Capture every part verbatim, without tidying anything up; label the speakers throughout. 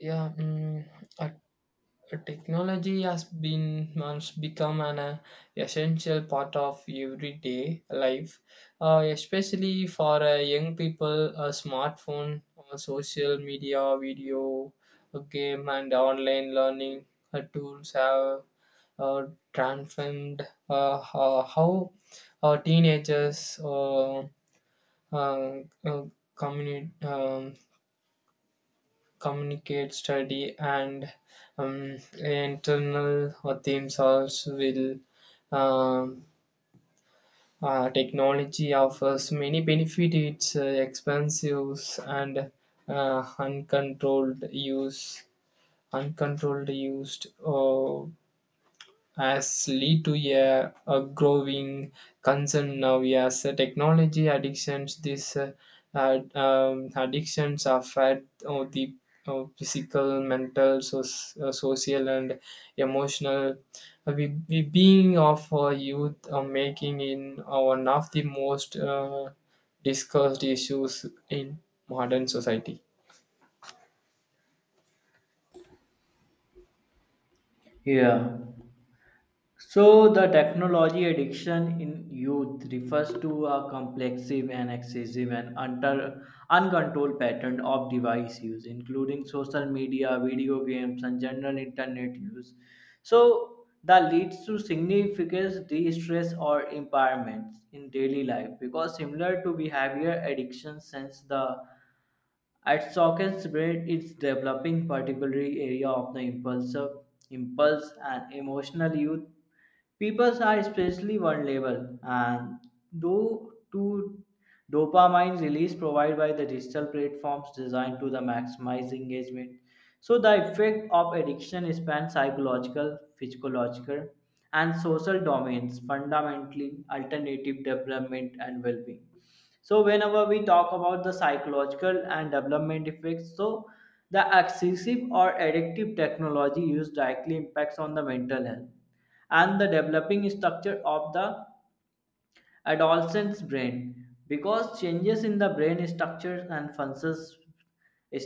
Speaker 1: Yeah, mm, uh, technology has been has become an uh, essential part of everyday life, uh, especially for uh, young people. A smartphone, uh, social media, video, uh, game, and online learning uh, tools have uh, transformed uh, ho- how uh, teenagers uh, uh, uh, communi- um, communicate, study, and um, internal themes also will. Um, uh, Technology offers many benefits. It's uh, expensive and uh, uncontrolled use, uncontrolled used. Uh, has led to a, a growing concern now as uh, technology addictions, these uh, uh, um, addictions affect uh, the uh, physical, mental, so, uh, social and emotional. Uh, we, we being of our youth are making in uh, one of the most uh, discussed issues in modern society.
Speaker 2: Yeah. So, the technology addiction in youth refers to a complexive and excessive and under, uncontrolled pattern of device use, including social media, video games, and general internet use. So, that leads to significant de-stress or impairments in daily life because similar to behavior addiction since the at Sawkins brain is developing particular area of the impulsive impulse and emotional youth. People are especially vulnerable, and due to dopamine release provided by the digital platforms designed to the maximize engagement. So the effect of addiction spans psychological, physiological, and social domains, fundamentally alternative development and well-being. So whenever we talk about the psychological and development effects, so the excessive or addictive technology use directly impacts on the mental health and the developing structure of the adolescent's brain because changes in the brain structures and functions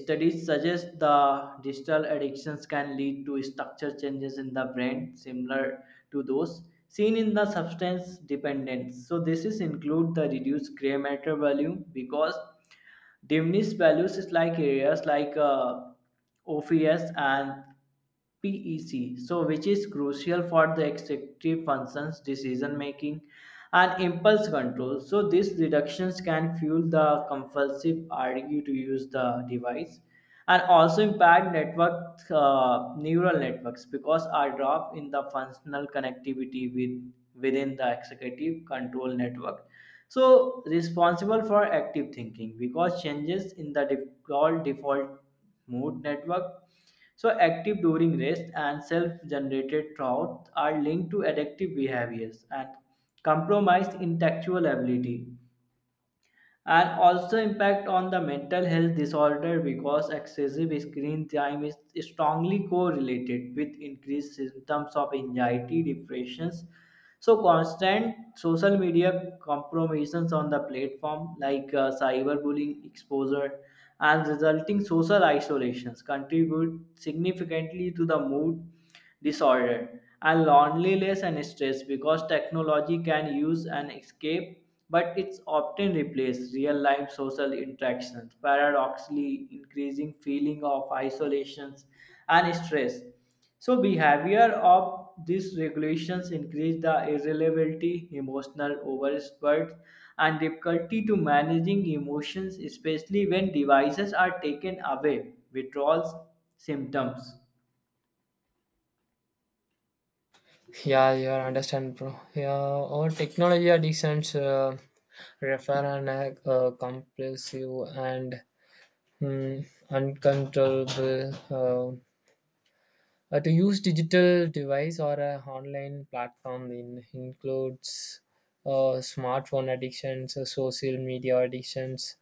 Speaker 2: studies suggest the digital addictions can lead to structure changes in the brain similar to those seen in the substance dependence, so this is include the reduced gray matter value because diminished values is like areas like uh, O P S and P E C, so which is crucial for the executive functions, decision making, and impulse control. So these reductions can fuel the compulsive urge to use the device, and also impact network uh, neural networks because are drop in the functional connectivity with within the executive control network, so responsible for active thinking because changes in the default default mode network, so active during rest and self-generated thoughts are linked to addictive behaviors and compromised intellectual ability, and also impact on the mental health disorder because excessive screen time is strongly correlated with increased symptoms of anxiety depressions. So constant social media compromises on the platform like uh, cyberbullying exposure and resulting social isolations contribute significantly to the mood disorder and loneliness and stress because technology can use an escape, but it's often replaced real life social interactions, paradoxically increasing feeling of isolations and stress. So behavior of these regulations increase the irritability, emotional overspurt, and difficulty to managing emotions, especially when devices are taken away. Withdrawals symptoms.
Speaker 1: Yeah, you are understand, bro. Yeah, all technology addictions uh, refer an uh, compulsive and mm, uncontrollable uh, uh, to use digital device or a online platform in includes uh, smartphone addictions, uh, social media addictions,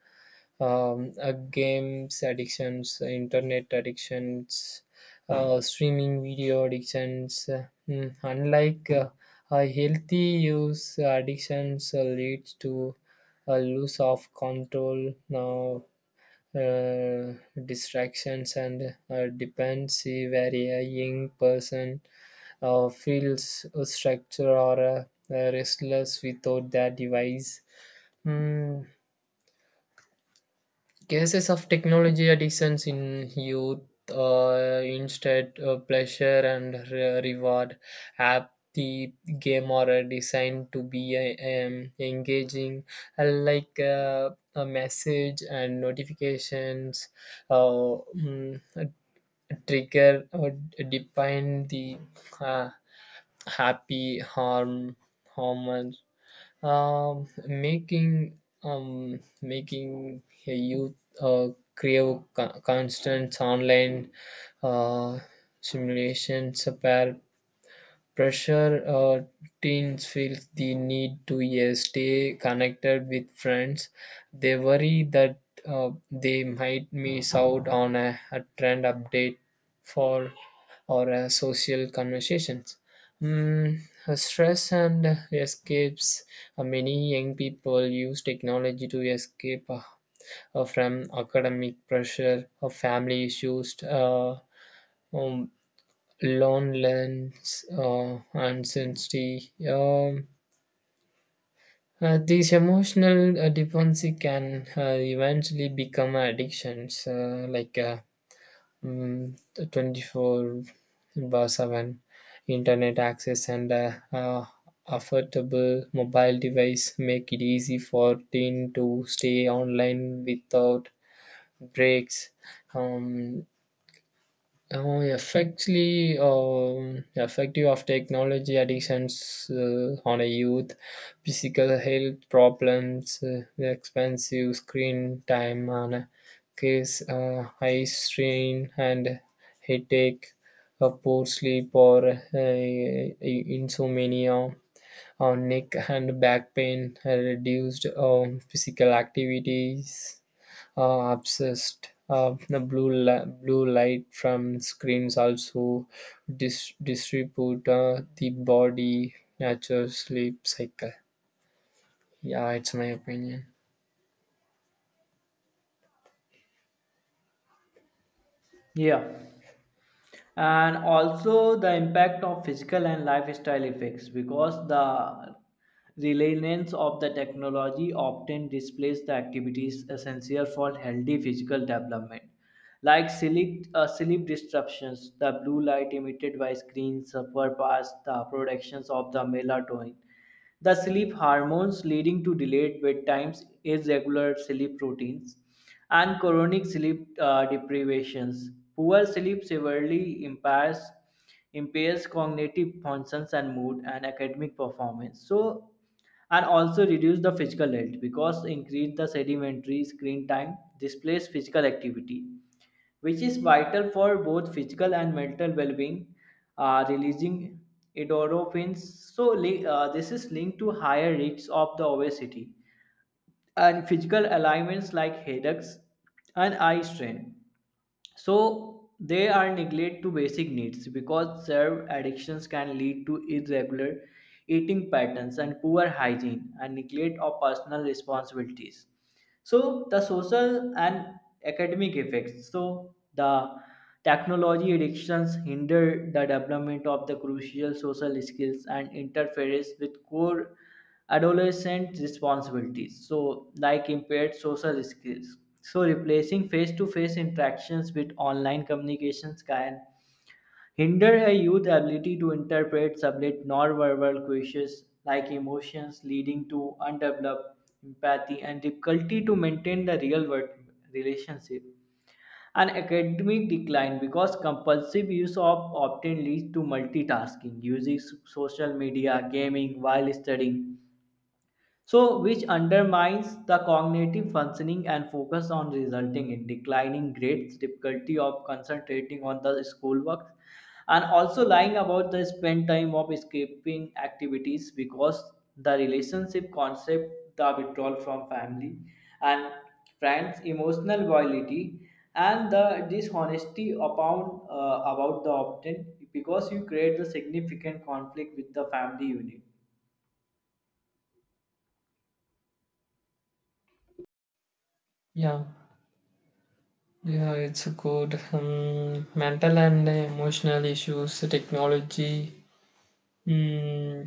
Speaker 1: um, uh, games addictions, internet addictions, uh, streaming video addictions. Uh, mm, unlike uh, a healthy use, addictions uh, leads to a loss of control, now uh, distractions and uh, dependency, where a young person uh, feels a structure or uh, uh, restless without their device. Mm, Cases of technology addictions in youth, uh, instead uh, pleasure and re- reward app, the game are designed to be uh, um, engaging, uh, like uh, a message and notifications, uh, mm, trigger or define the uh, happy harm hormones, um, making um, making a youth uh, crave co- constant online uh, simulations, uh, par- pressure, uh, teens feel the need to uh, stay connected with friends. They worry that uh, they might miss out on a, a trend update for or a social conversations. Mm, uh, Stress and escapes. Uh, many young people use technology to escape uh, uh, from academic pressure or family issues. Uh, um, Loneliness, uh, uncertainty. Um, uh, these emotional uh, dependency can uh, eventually become addictions, uh, like uh, mm, the twenty-four bar seven internet access and uh, uh, affordable mobile device make it easy for teen to stay online without breaks. Um, Uh, effectively, um, effective of technology addictions uh, on a youth, physical health problems, uh, the expensive screen time on a case, uh, eye strain and headache, a poor sleep or uh, insomnia, or neck and back pain, uh, reduced um, physical activities uh, obsessed. Uh, the blue li- blue light from screens also dis- distribute uh, the body natural sleep cycle. Yeah, it's my opinion.
Speaker 2: Yeah. And also the impact of physical and lifestyle effects because the reliance of the technology often displaces the activities essential for healthy physical development, like sleep, uh, sleep disruptions. The blue light emitted by screens suffer past the productions of the melatonin, the sleep hormones, leading to delayed bedtimes, irregular sleep routines, and chronic sleep uh, deprivations. Poor sleep severely impairs impairs cognitive functions and mood and academic performance. So, and also reduce the physical health because increase the sedentary screen time displace physical activity, which is vital for both physical and mental well-being, uh, releasing endorphins. So li- uh, this is linked to higher risks of the obesity and physical ailments like headaches and eye strain. So they are neglect to basic needs because serve addictions can lead to irregular eating patterns and poor hygiene and neglect of personal responsibilities. So the social and academic effects, so the technology addictions hinder the development of the crucial social skills and interferes with core adolescent responsibilities, so like impaired social skills. So replacing face-to-face interactions with online communications can hinder a youth's ability to interpret sublet nonverbal cues like emotions, leading to undeveloped empathy and difficulty to maintain the real world relationship. An academic decline because compulsive use of often leads to multitasking, using s- social media, gaming while studying, so which undermines the cognitive functioning and focus on, resulting in declining grades, difficulty of concentrating on the schoolwork, and also lying about the spend time of escaping activities because the relationship concept, the withdrawal from family and friends, emotional viability, and the dishonesty upon uh, about the opt, because you create the significant conflict with the family unit.
Speaker 1: Yeah, yeah, it's good. Um, mental and emotional issues, technology. Mm,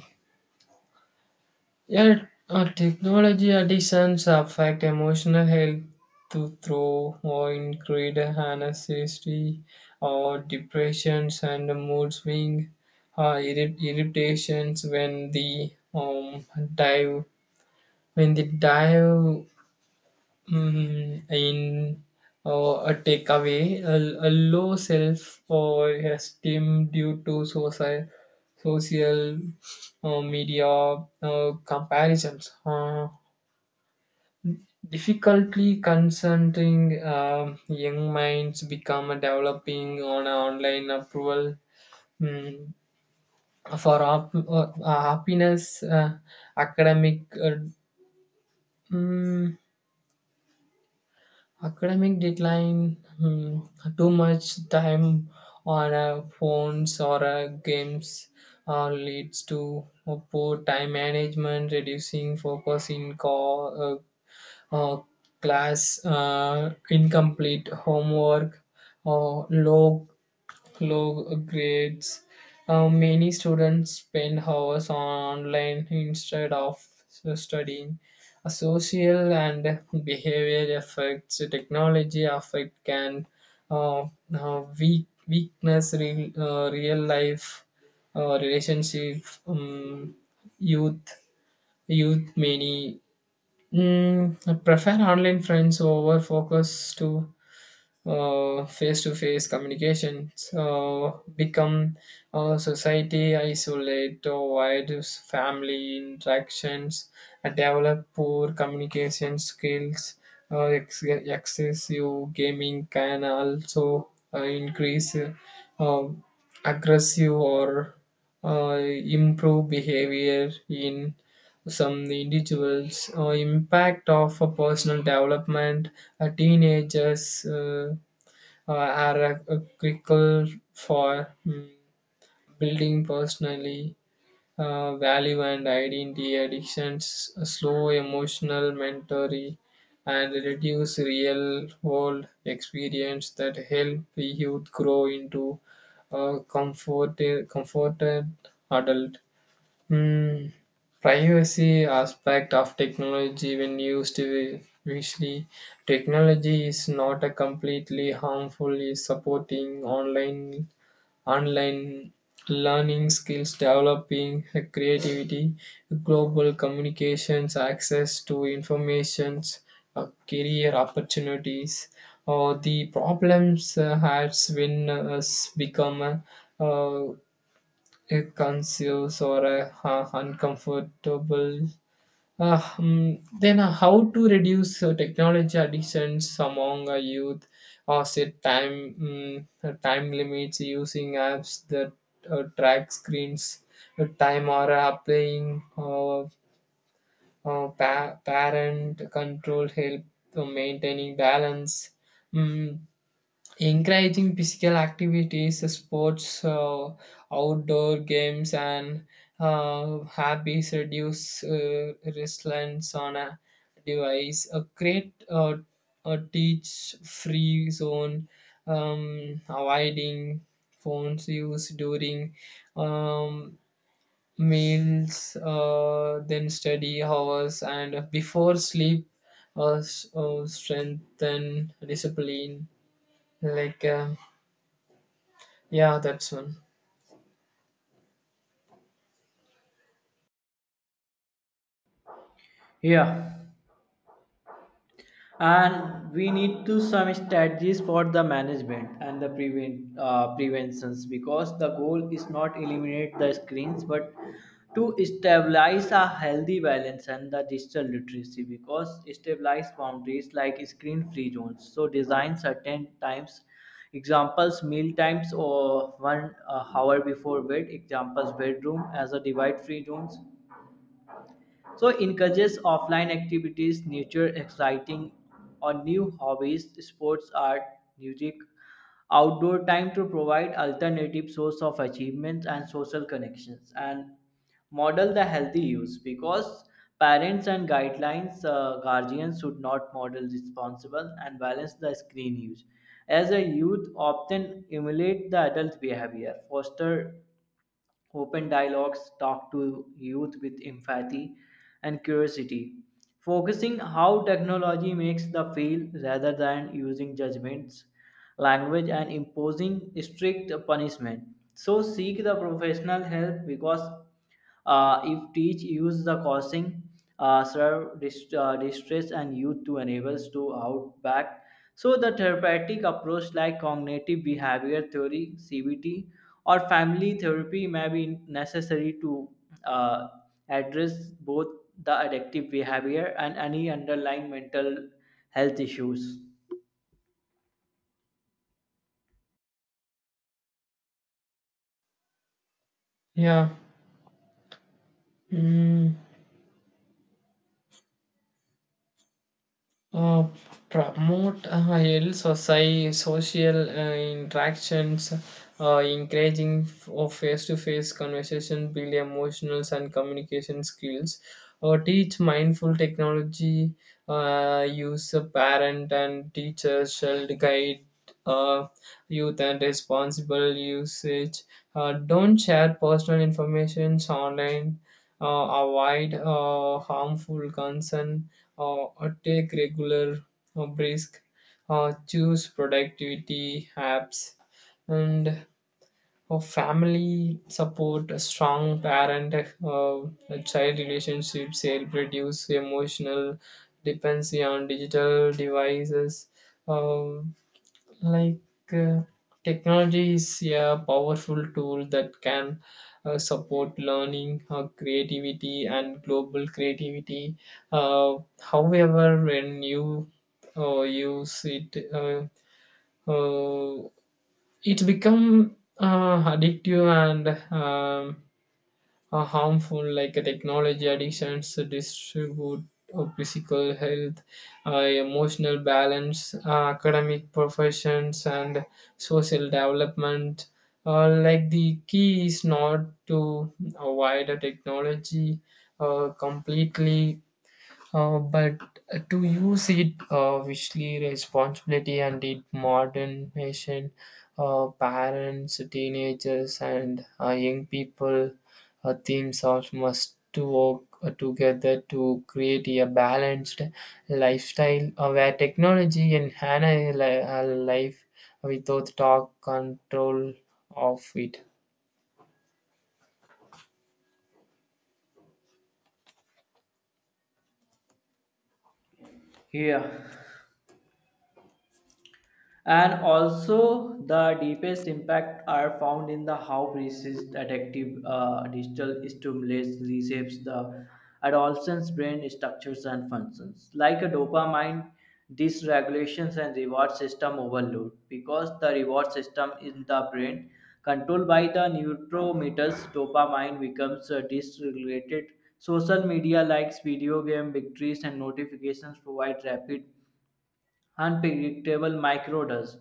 Speaker 1: Yet, uh, technology additions affect emotional health to through or increased anxiety or depressions and mood swing, uh, irri- irritations when the um dive when the dive. Mm, in uh, a takeaway, a, a low self uh, esteem due to social, social uh, media uh, comparisons. Uh, difficultly consenting um young minds become developing on online approval mm, for op- uh, happiness, uh, academic. Uh, mm, Academic decline, hmm, too much time on uh, phones or uh, games uh, leads to a poor time management, reducing focus in co- uh, uh, class, uh, incomplete homework, or low low grades. Uh, many students spend hours online instead of studying. A social and behavioral effects, technology affect can uh, uh, weak, weakness real, uh, real life uh, relationship. Um, youth Youth many mm, prefer online friends over focus to face to face communications, uh, become uh, society isolate or wide family interactions, uh, develop poor communication skills. Uh, ex- excessive gaming can also uh, increase uh, uh, aggressive or uh, improve behavior in some individuals. Uh, impact of a personal development, uh, teenagers uh, uh, are a, a critical for mm, building personally uh, value and identity addictions, slow emotional mentoring, and reduce real world experience that help the youth grow into a comfort, comforted adult. Hmm. Privacy aspect of technology, when used wisely, technology is not a completely harmful, is supporting online online learning, skills developing, creativity, global communications, access to informations, uh, career opportunities, or the problems uh, has when uh, us become uh, uh, a conscious or a, uh, uncomfortable. Uh, hmm, then uh, how to reduce uh, technology addictions among uh, youth or set time mm, uh, time limits using apps that uh, track screens uh, time or applying uh, uh, pa- parent control help to maintaining balance. Mm, Encouraging physical activities, sports, uh, outdoor games, and uh, hobbies reduce uh, reliance on a device. A create uh, a teach free zone, um, avoiding phones use during um, meals, uh, then study hours, and before sleep. Uh, s- uh, strengthen discipline like. Um, yeah, that's one.
Speaker 2: Yeah. And we need to some strategies for the management and the prevent uh, preventions because the goal is not eliminate the screens, but to stabilize a healthy balance and the digital literacy because stabilize boundaries like screen free zones. So design certain times, examples meal times or one uh, hour before bed, examples bedroom as a divide free zones. So encourages offline activities, nature exciting or new hobbies, sports, art, music, outdoor time to provide alternative source of achievements and social connections, and model the healthy use because parents and guidelines uh, guardians should not model responsible and balance the screen use as a youth often emulate the adult behavior. Foster open dialogues, talk to youth with empathy and curiosity, focusing how technology makes the field rather than using judgments, language, and imposing strict punishment. So seek the professional help because uh, if teach use the causing uh, serve dist- uh, distress and youth to enables to out back. So the therapeutic approach like cognitive behavior theory C B T or family therapy may be necessary to uh, address both the addictive behavior and any underlying mental health issues.
Speaker 1: Yeah. Mm. uh, Promote higher soci- social uh, interactions, uh, encouraging of face-to-face conversation, build emotional and communication skills, uh, teach mindful technology, uh, use a parent and teacher shall guide uh, youth and responsible usage. Uh, don't share personal information online. Uh, avoid uh, harmful concern uh, or take regular uh, brisk, uh, choose productivity apps, and uh, family support, a strong parent uh, child relationships, help reduce emotional dependency on digital devices. Uh, like uh, technology is a powerful tool that can uh, support learning, uh, creativity and global creativity. uh, However, when you uh, use it uh, uh, it become uh, addictive and um, are harmful. Like uh, technology addictions, uh, distribute of physical health, uh, emotional balance, uh, academic professions, and social development. Uh, like the key is not to avoid a technology uh, completely, uh, but to use it uh, wisely, responsibility, and it modern nation, uh, parents, teenagers, and uh, young people, uh, themes all must to work uh, together to create a balanced lifestyle uh, where technology enhances li- uh, life without talk control of it.
Speaker 2: Yeah. And also, the deepest impact are found in the how precise addictive uh, digital stimulus reshapes the adolescent's brain structures and functions. Like a dopamine, dysregulations and reward system overload because the reward system in the brain, controlled by the neurotransmitters dopamine, becomes uh, dysregulated. Social media likes, video game victories, and notifications provide rapid unpredictable microdose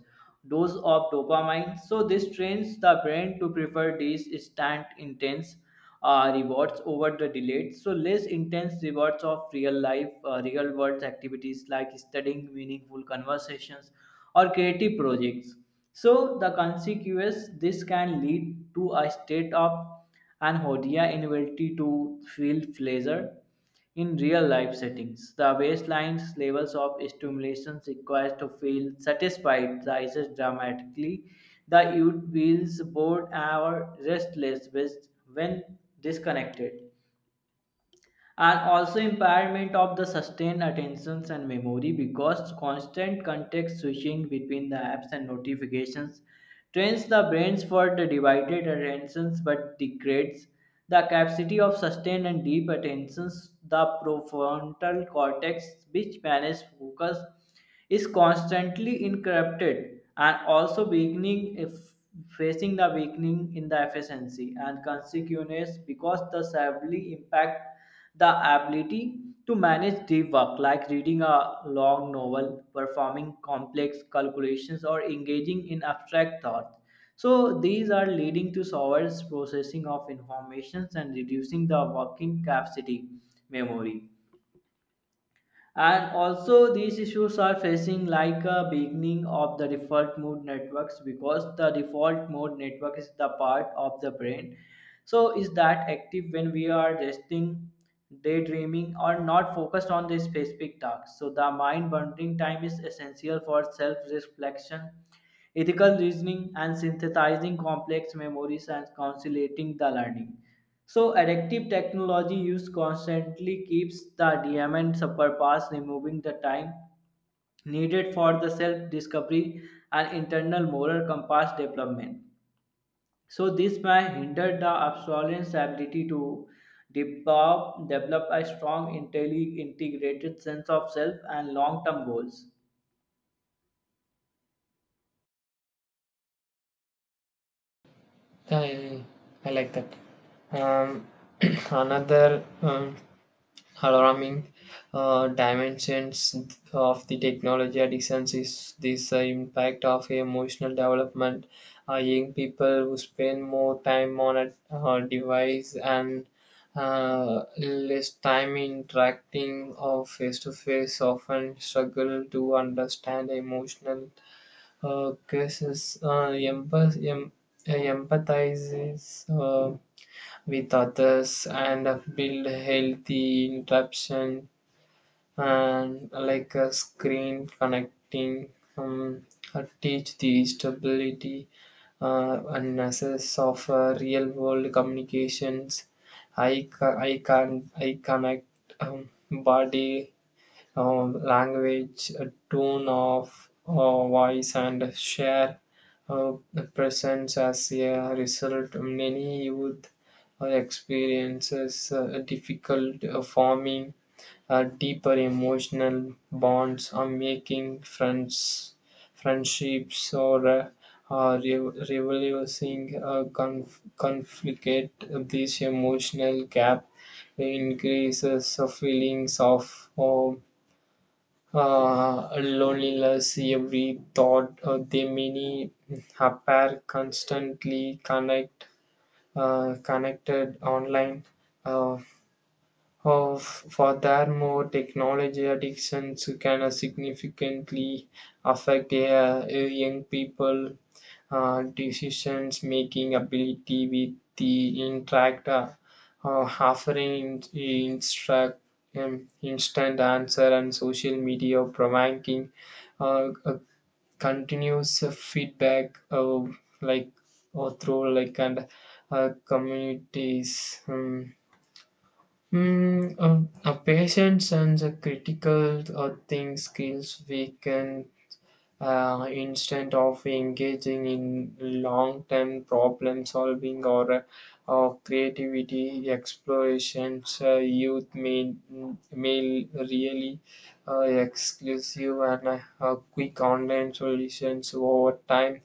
Speaker 2: dose of dopamine. So this trains the brain to prefer these instant intense uh, rewards over the delayed. So less intense rewards of real life, uh, real world activities like studying, meaningful conversations, or creative projects. So the consequence, this can lead to a state of anhedonia, inability to feel pleasure in real life settings. The baseline's levels of stimulation required to feel satisfied rises dramatically. The youth feels bored or restless with- when disconnected, and also impairment of the sustained attentions and memory because constant context switching between the apps and notifications trains the brains for the divided attentions but degrades the capacity of sustained and deep attentions. The prefrontal cortex, which manages focus, is constantly interrupted, and also weakening if facing the weakening in the efficiency and consequence because the severely impact the ability to manage deep work, like reading a long novel, performing complex calculations, or engaging in abstract thought. So these are leading to slower processing of information and reducing the working capacity memory, and also these issues are facing like a beginning of the default mode networks because the default mode network is the part of the brain, so is that active when we are resting, daydreaming, or not focused on the specific task. So the mind wandering time is essential for self reflection, ethical reasoning, and synthesizing complex memories and consolidating the learning. So adaptive technology used constantly keeps the diamond superpass, removing the time needed for the self-discovery and internal moral compass development. So this may hinder the absolute's ability to develop, develop a strong, intelli- integrated sense of self and long-term goals.
Speaker 1: I, I like that. Um, another. Um, alarming uh, dimensions of the technology addictions is this uh, impact of emotional development. Uh, young people who spend more time on a uh, device and uh, less time interacting or face to face often struggle to understand emotional uh, causes. Uh, empath- em- empathizes uh, with others and build healthy interactions, and like a screen connecting um, uh, teach the stability uh, and access of uh, real world communications. I ca- i can i connect um, body um, language, uh, tone of uh, voice and share uh, presence. As a result, many youth uh, experiences uh, difficult uh, forming uh, deeper emotional bonds or making friends friendships or uh, uh, re- reversing a conf- conflict. This emotional gap increases the feelings of um, uh, loneliness. Every thought of the many appear constantly connect uh, connected online. uh, uh, Furthermore, technology addictions can uh, significantly affect uh, young people' uh, decisions making ability with the interact, uh, uh, offering instruct, um, instant answer and social media providing uh, a continuous feedback, uh, like or through like and uh, communities. Um, Mm, um, a patience and the critical uh, thing skills we can, uh, instead of engaging in long-term problem solving or uh, or creativity explorations, uh, youth may may really uh, exclusive and uh, uh, quick online solutions. Over time,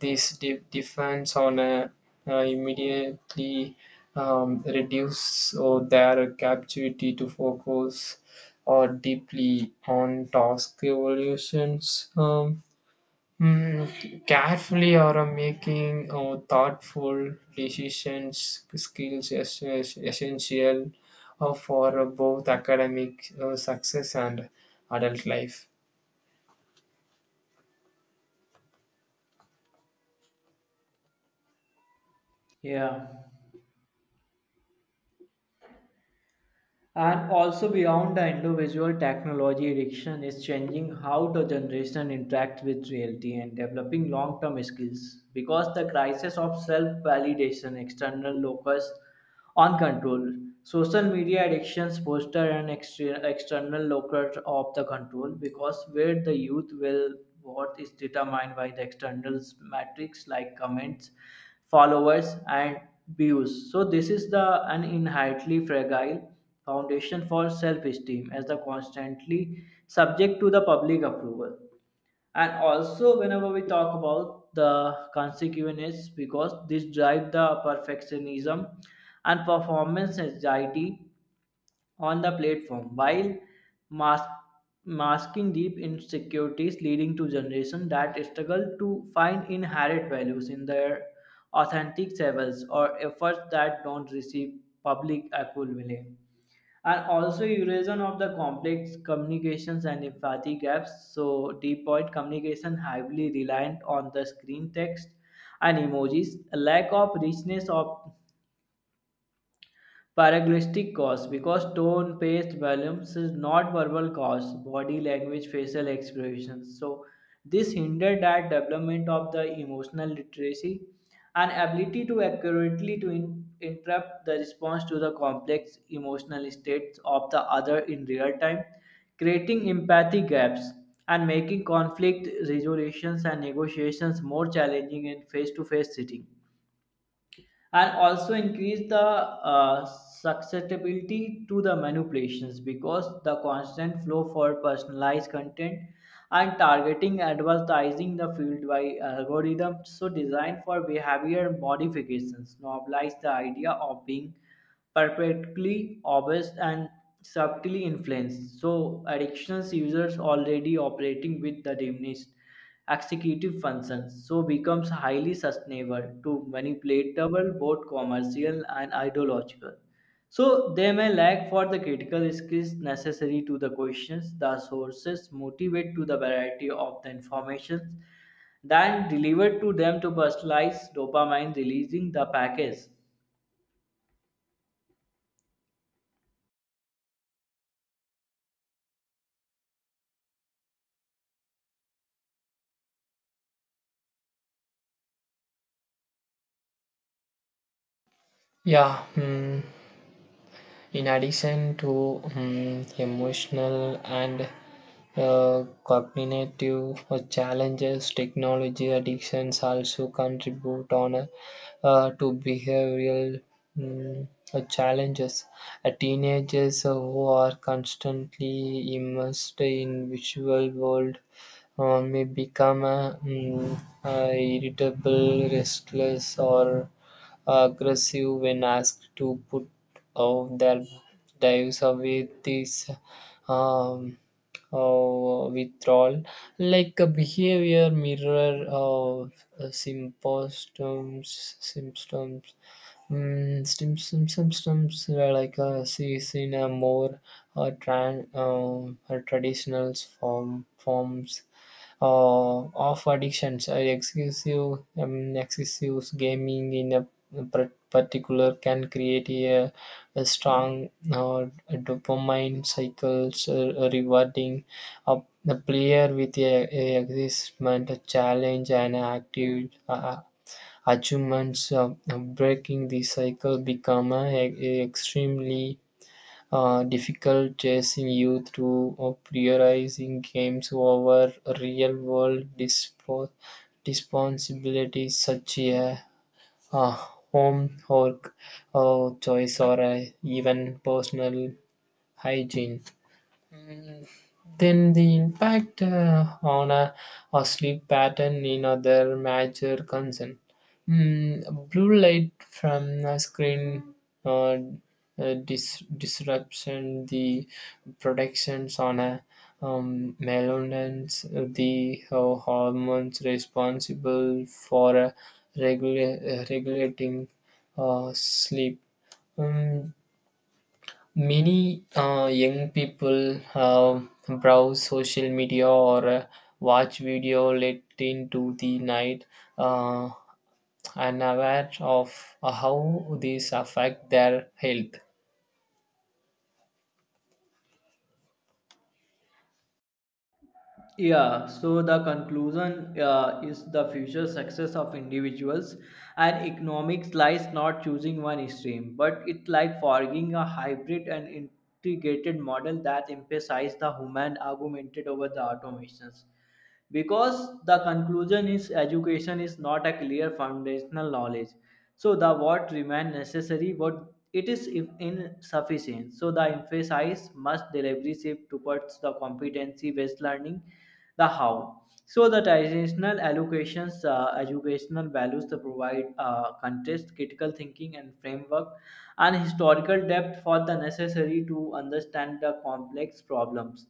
Speaker 1: this de- defense on a, uh, immediately um, reduce or their captivity to focus or deeply on task evolutions, um, mm, carefully or uh, making uh, thoughtful decisions skills is is essential uh, for uh, both academic uh, success and adult life.
Speaker 2: Yeah. And also beyond the individual, technology addiction is changing how the generation interacts with reality and developing long-term skills because the crisis of self-validation, external locus on control, social media addictions foster an exter- external locus of the control because where the youth will what is determined by the external metrics like comments, followers, and views. So this is the an inherently fragile foundation for self-esteem, as the constantly subject to the public approval. And also whenever we talk about the consequences, because this drive the perfectionism and performance anxiety on the platform while mas- masking deep insecurities, leading to generations that struggle to find inherent values in their authentic selves or efforts that don't receive public acclaim. And also erosion of the complex communications and empathy gaps, so deep point communication heavily reliant on the screen text and emojis, a lack of richness of Paraglystic cause because tone, pace, balance is not verbal cause, body language, facial expressions. So this hindered that development of the emotional literacy and ability to accurately to in- interrupt the response to the complex emotional states of the other in real time, creating empathy gaps and making conflict resolutions and negotiations more challenging in face-to-face setting. And also increase the uh, susceptibility to the manipulations because the constant flow for personalized content and targeting advertising the field by algorithm, so designed for behavior modifications, normalize the idea of being perfectly obvious and subtly influenced. So addictions users already operating with the diminished executive functions, so becomes highly sustainable to manipulatable, both commercial and ideological. So they may lack for the critical skills necessary to the questions the sources motivate to the variety of the information then delivered to them to personalize dopamine releasing the package.
Speaker 1: Yeah, mm. In addition to um, emotional and uh, cognitive challenges, technology addictions also contribute on a uh, to behavioral mm, uh, challenges. Uh, teenagers who are constantly immersed in visual world uh, may become uh, mm, uh, irritable, restless, or aggressive when asked to put out their dives away. This um, uh, withdrawal like a behavior mirror of uh, symptoms symptoms mm, symptoms symptoms uh, like uh, sees in a more uh, tran- um, uh, traditional form forms uh, of addictions. Uh, excessive um, excessive gaming in a par- particular can create a, a strong uh, dopamine cycles, uh, rewarding a, a player with a, a excitement, a challenge, and active uh, achievements. Uh, breaking the cycle become a, a extremely uh, difficult chasing you through or prioritizing games over real world dispo- responsibilities such as uh, homework or choice or uh, even personal hygiene. Then the impact uh, on a, a sleep pattern in other major concern. Mm, blue light from a screen uh, uh, dis- disruption the productions on a um, melatonin, the uh, hormones responsible for uh, regula- uh, regulating uh, sleep. Um, Many uh, young people um browse social media or uh, watch video late into the night, uh, unaware of how these affect their health.
Speaker 2: Yeah, so the conclusion uh, is the future success of individuals and economics lies not choosing one stream, but it lies forging a hybrid and integrated model that emphasizes the human argumented over the automations because the conclusion is education is not a clear foundational knowledge, so the what remain necessary, but it is in- insufficient. So the emphasis must delivery shift towards the competency based learning, the how. So the traditional allocations uh, educational values to provide uh, context critical thinking and framework and historical depth for the necessary to understand the complex problems.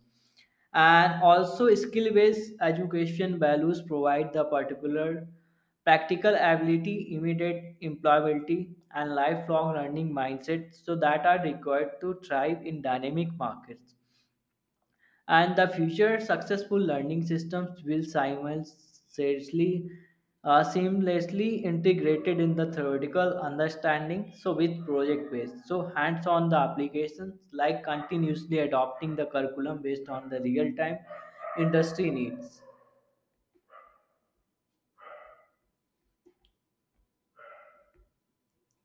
Speaker 2: And also skill based education values provide the particular practical ability, immediate employability, and lifelong learning mindset, so that are required to thrive in dynamic markets. And the future successful learning systems will simultaneously uh, seamlessly integrated in the theoretical understanding, so with project based, so hands on the applications, like continuously adopting the curriculum based on the real time industry needs.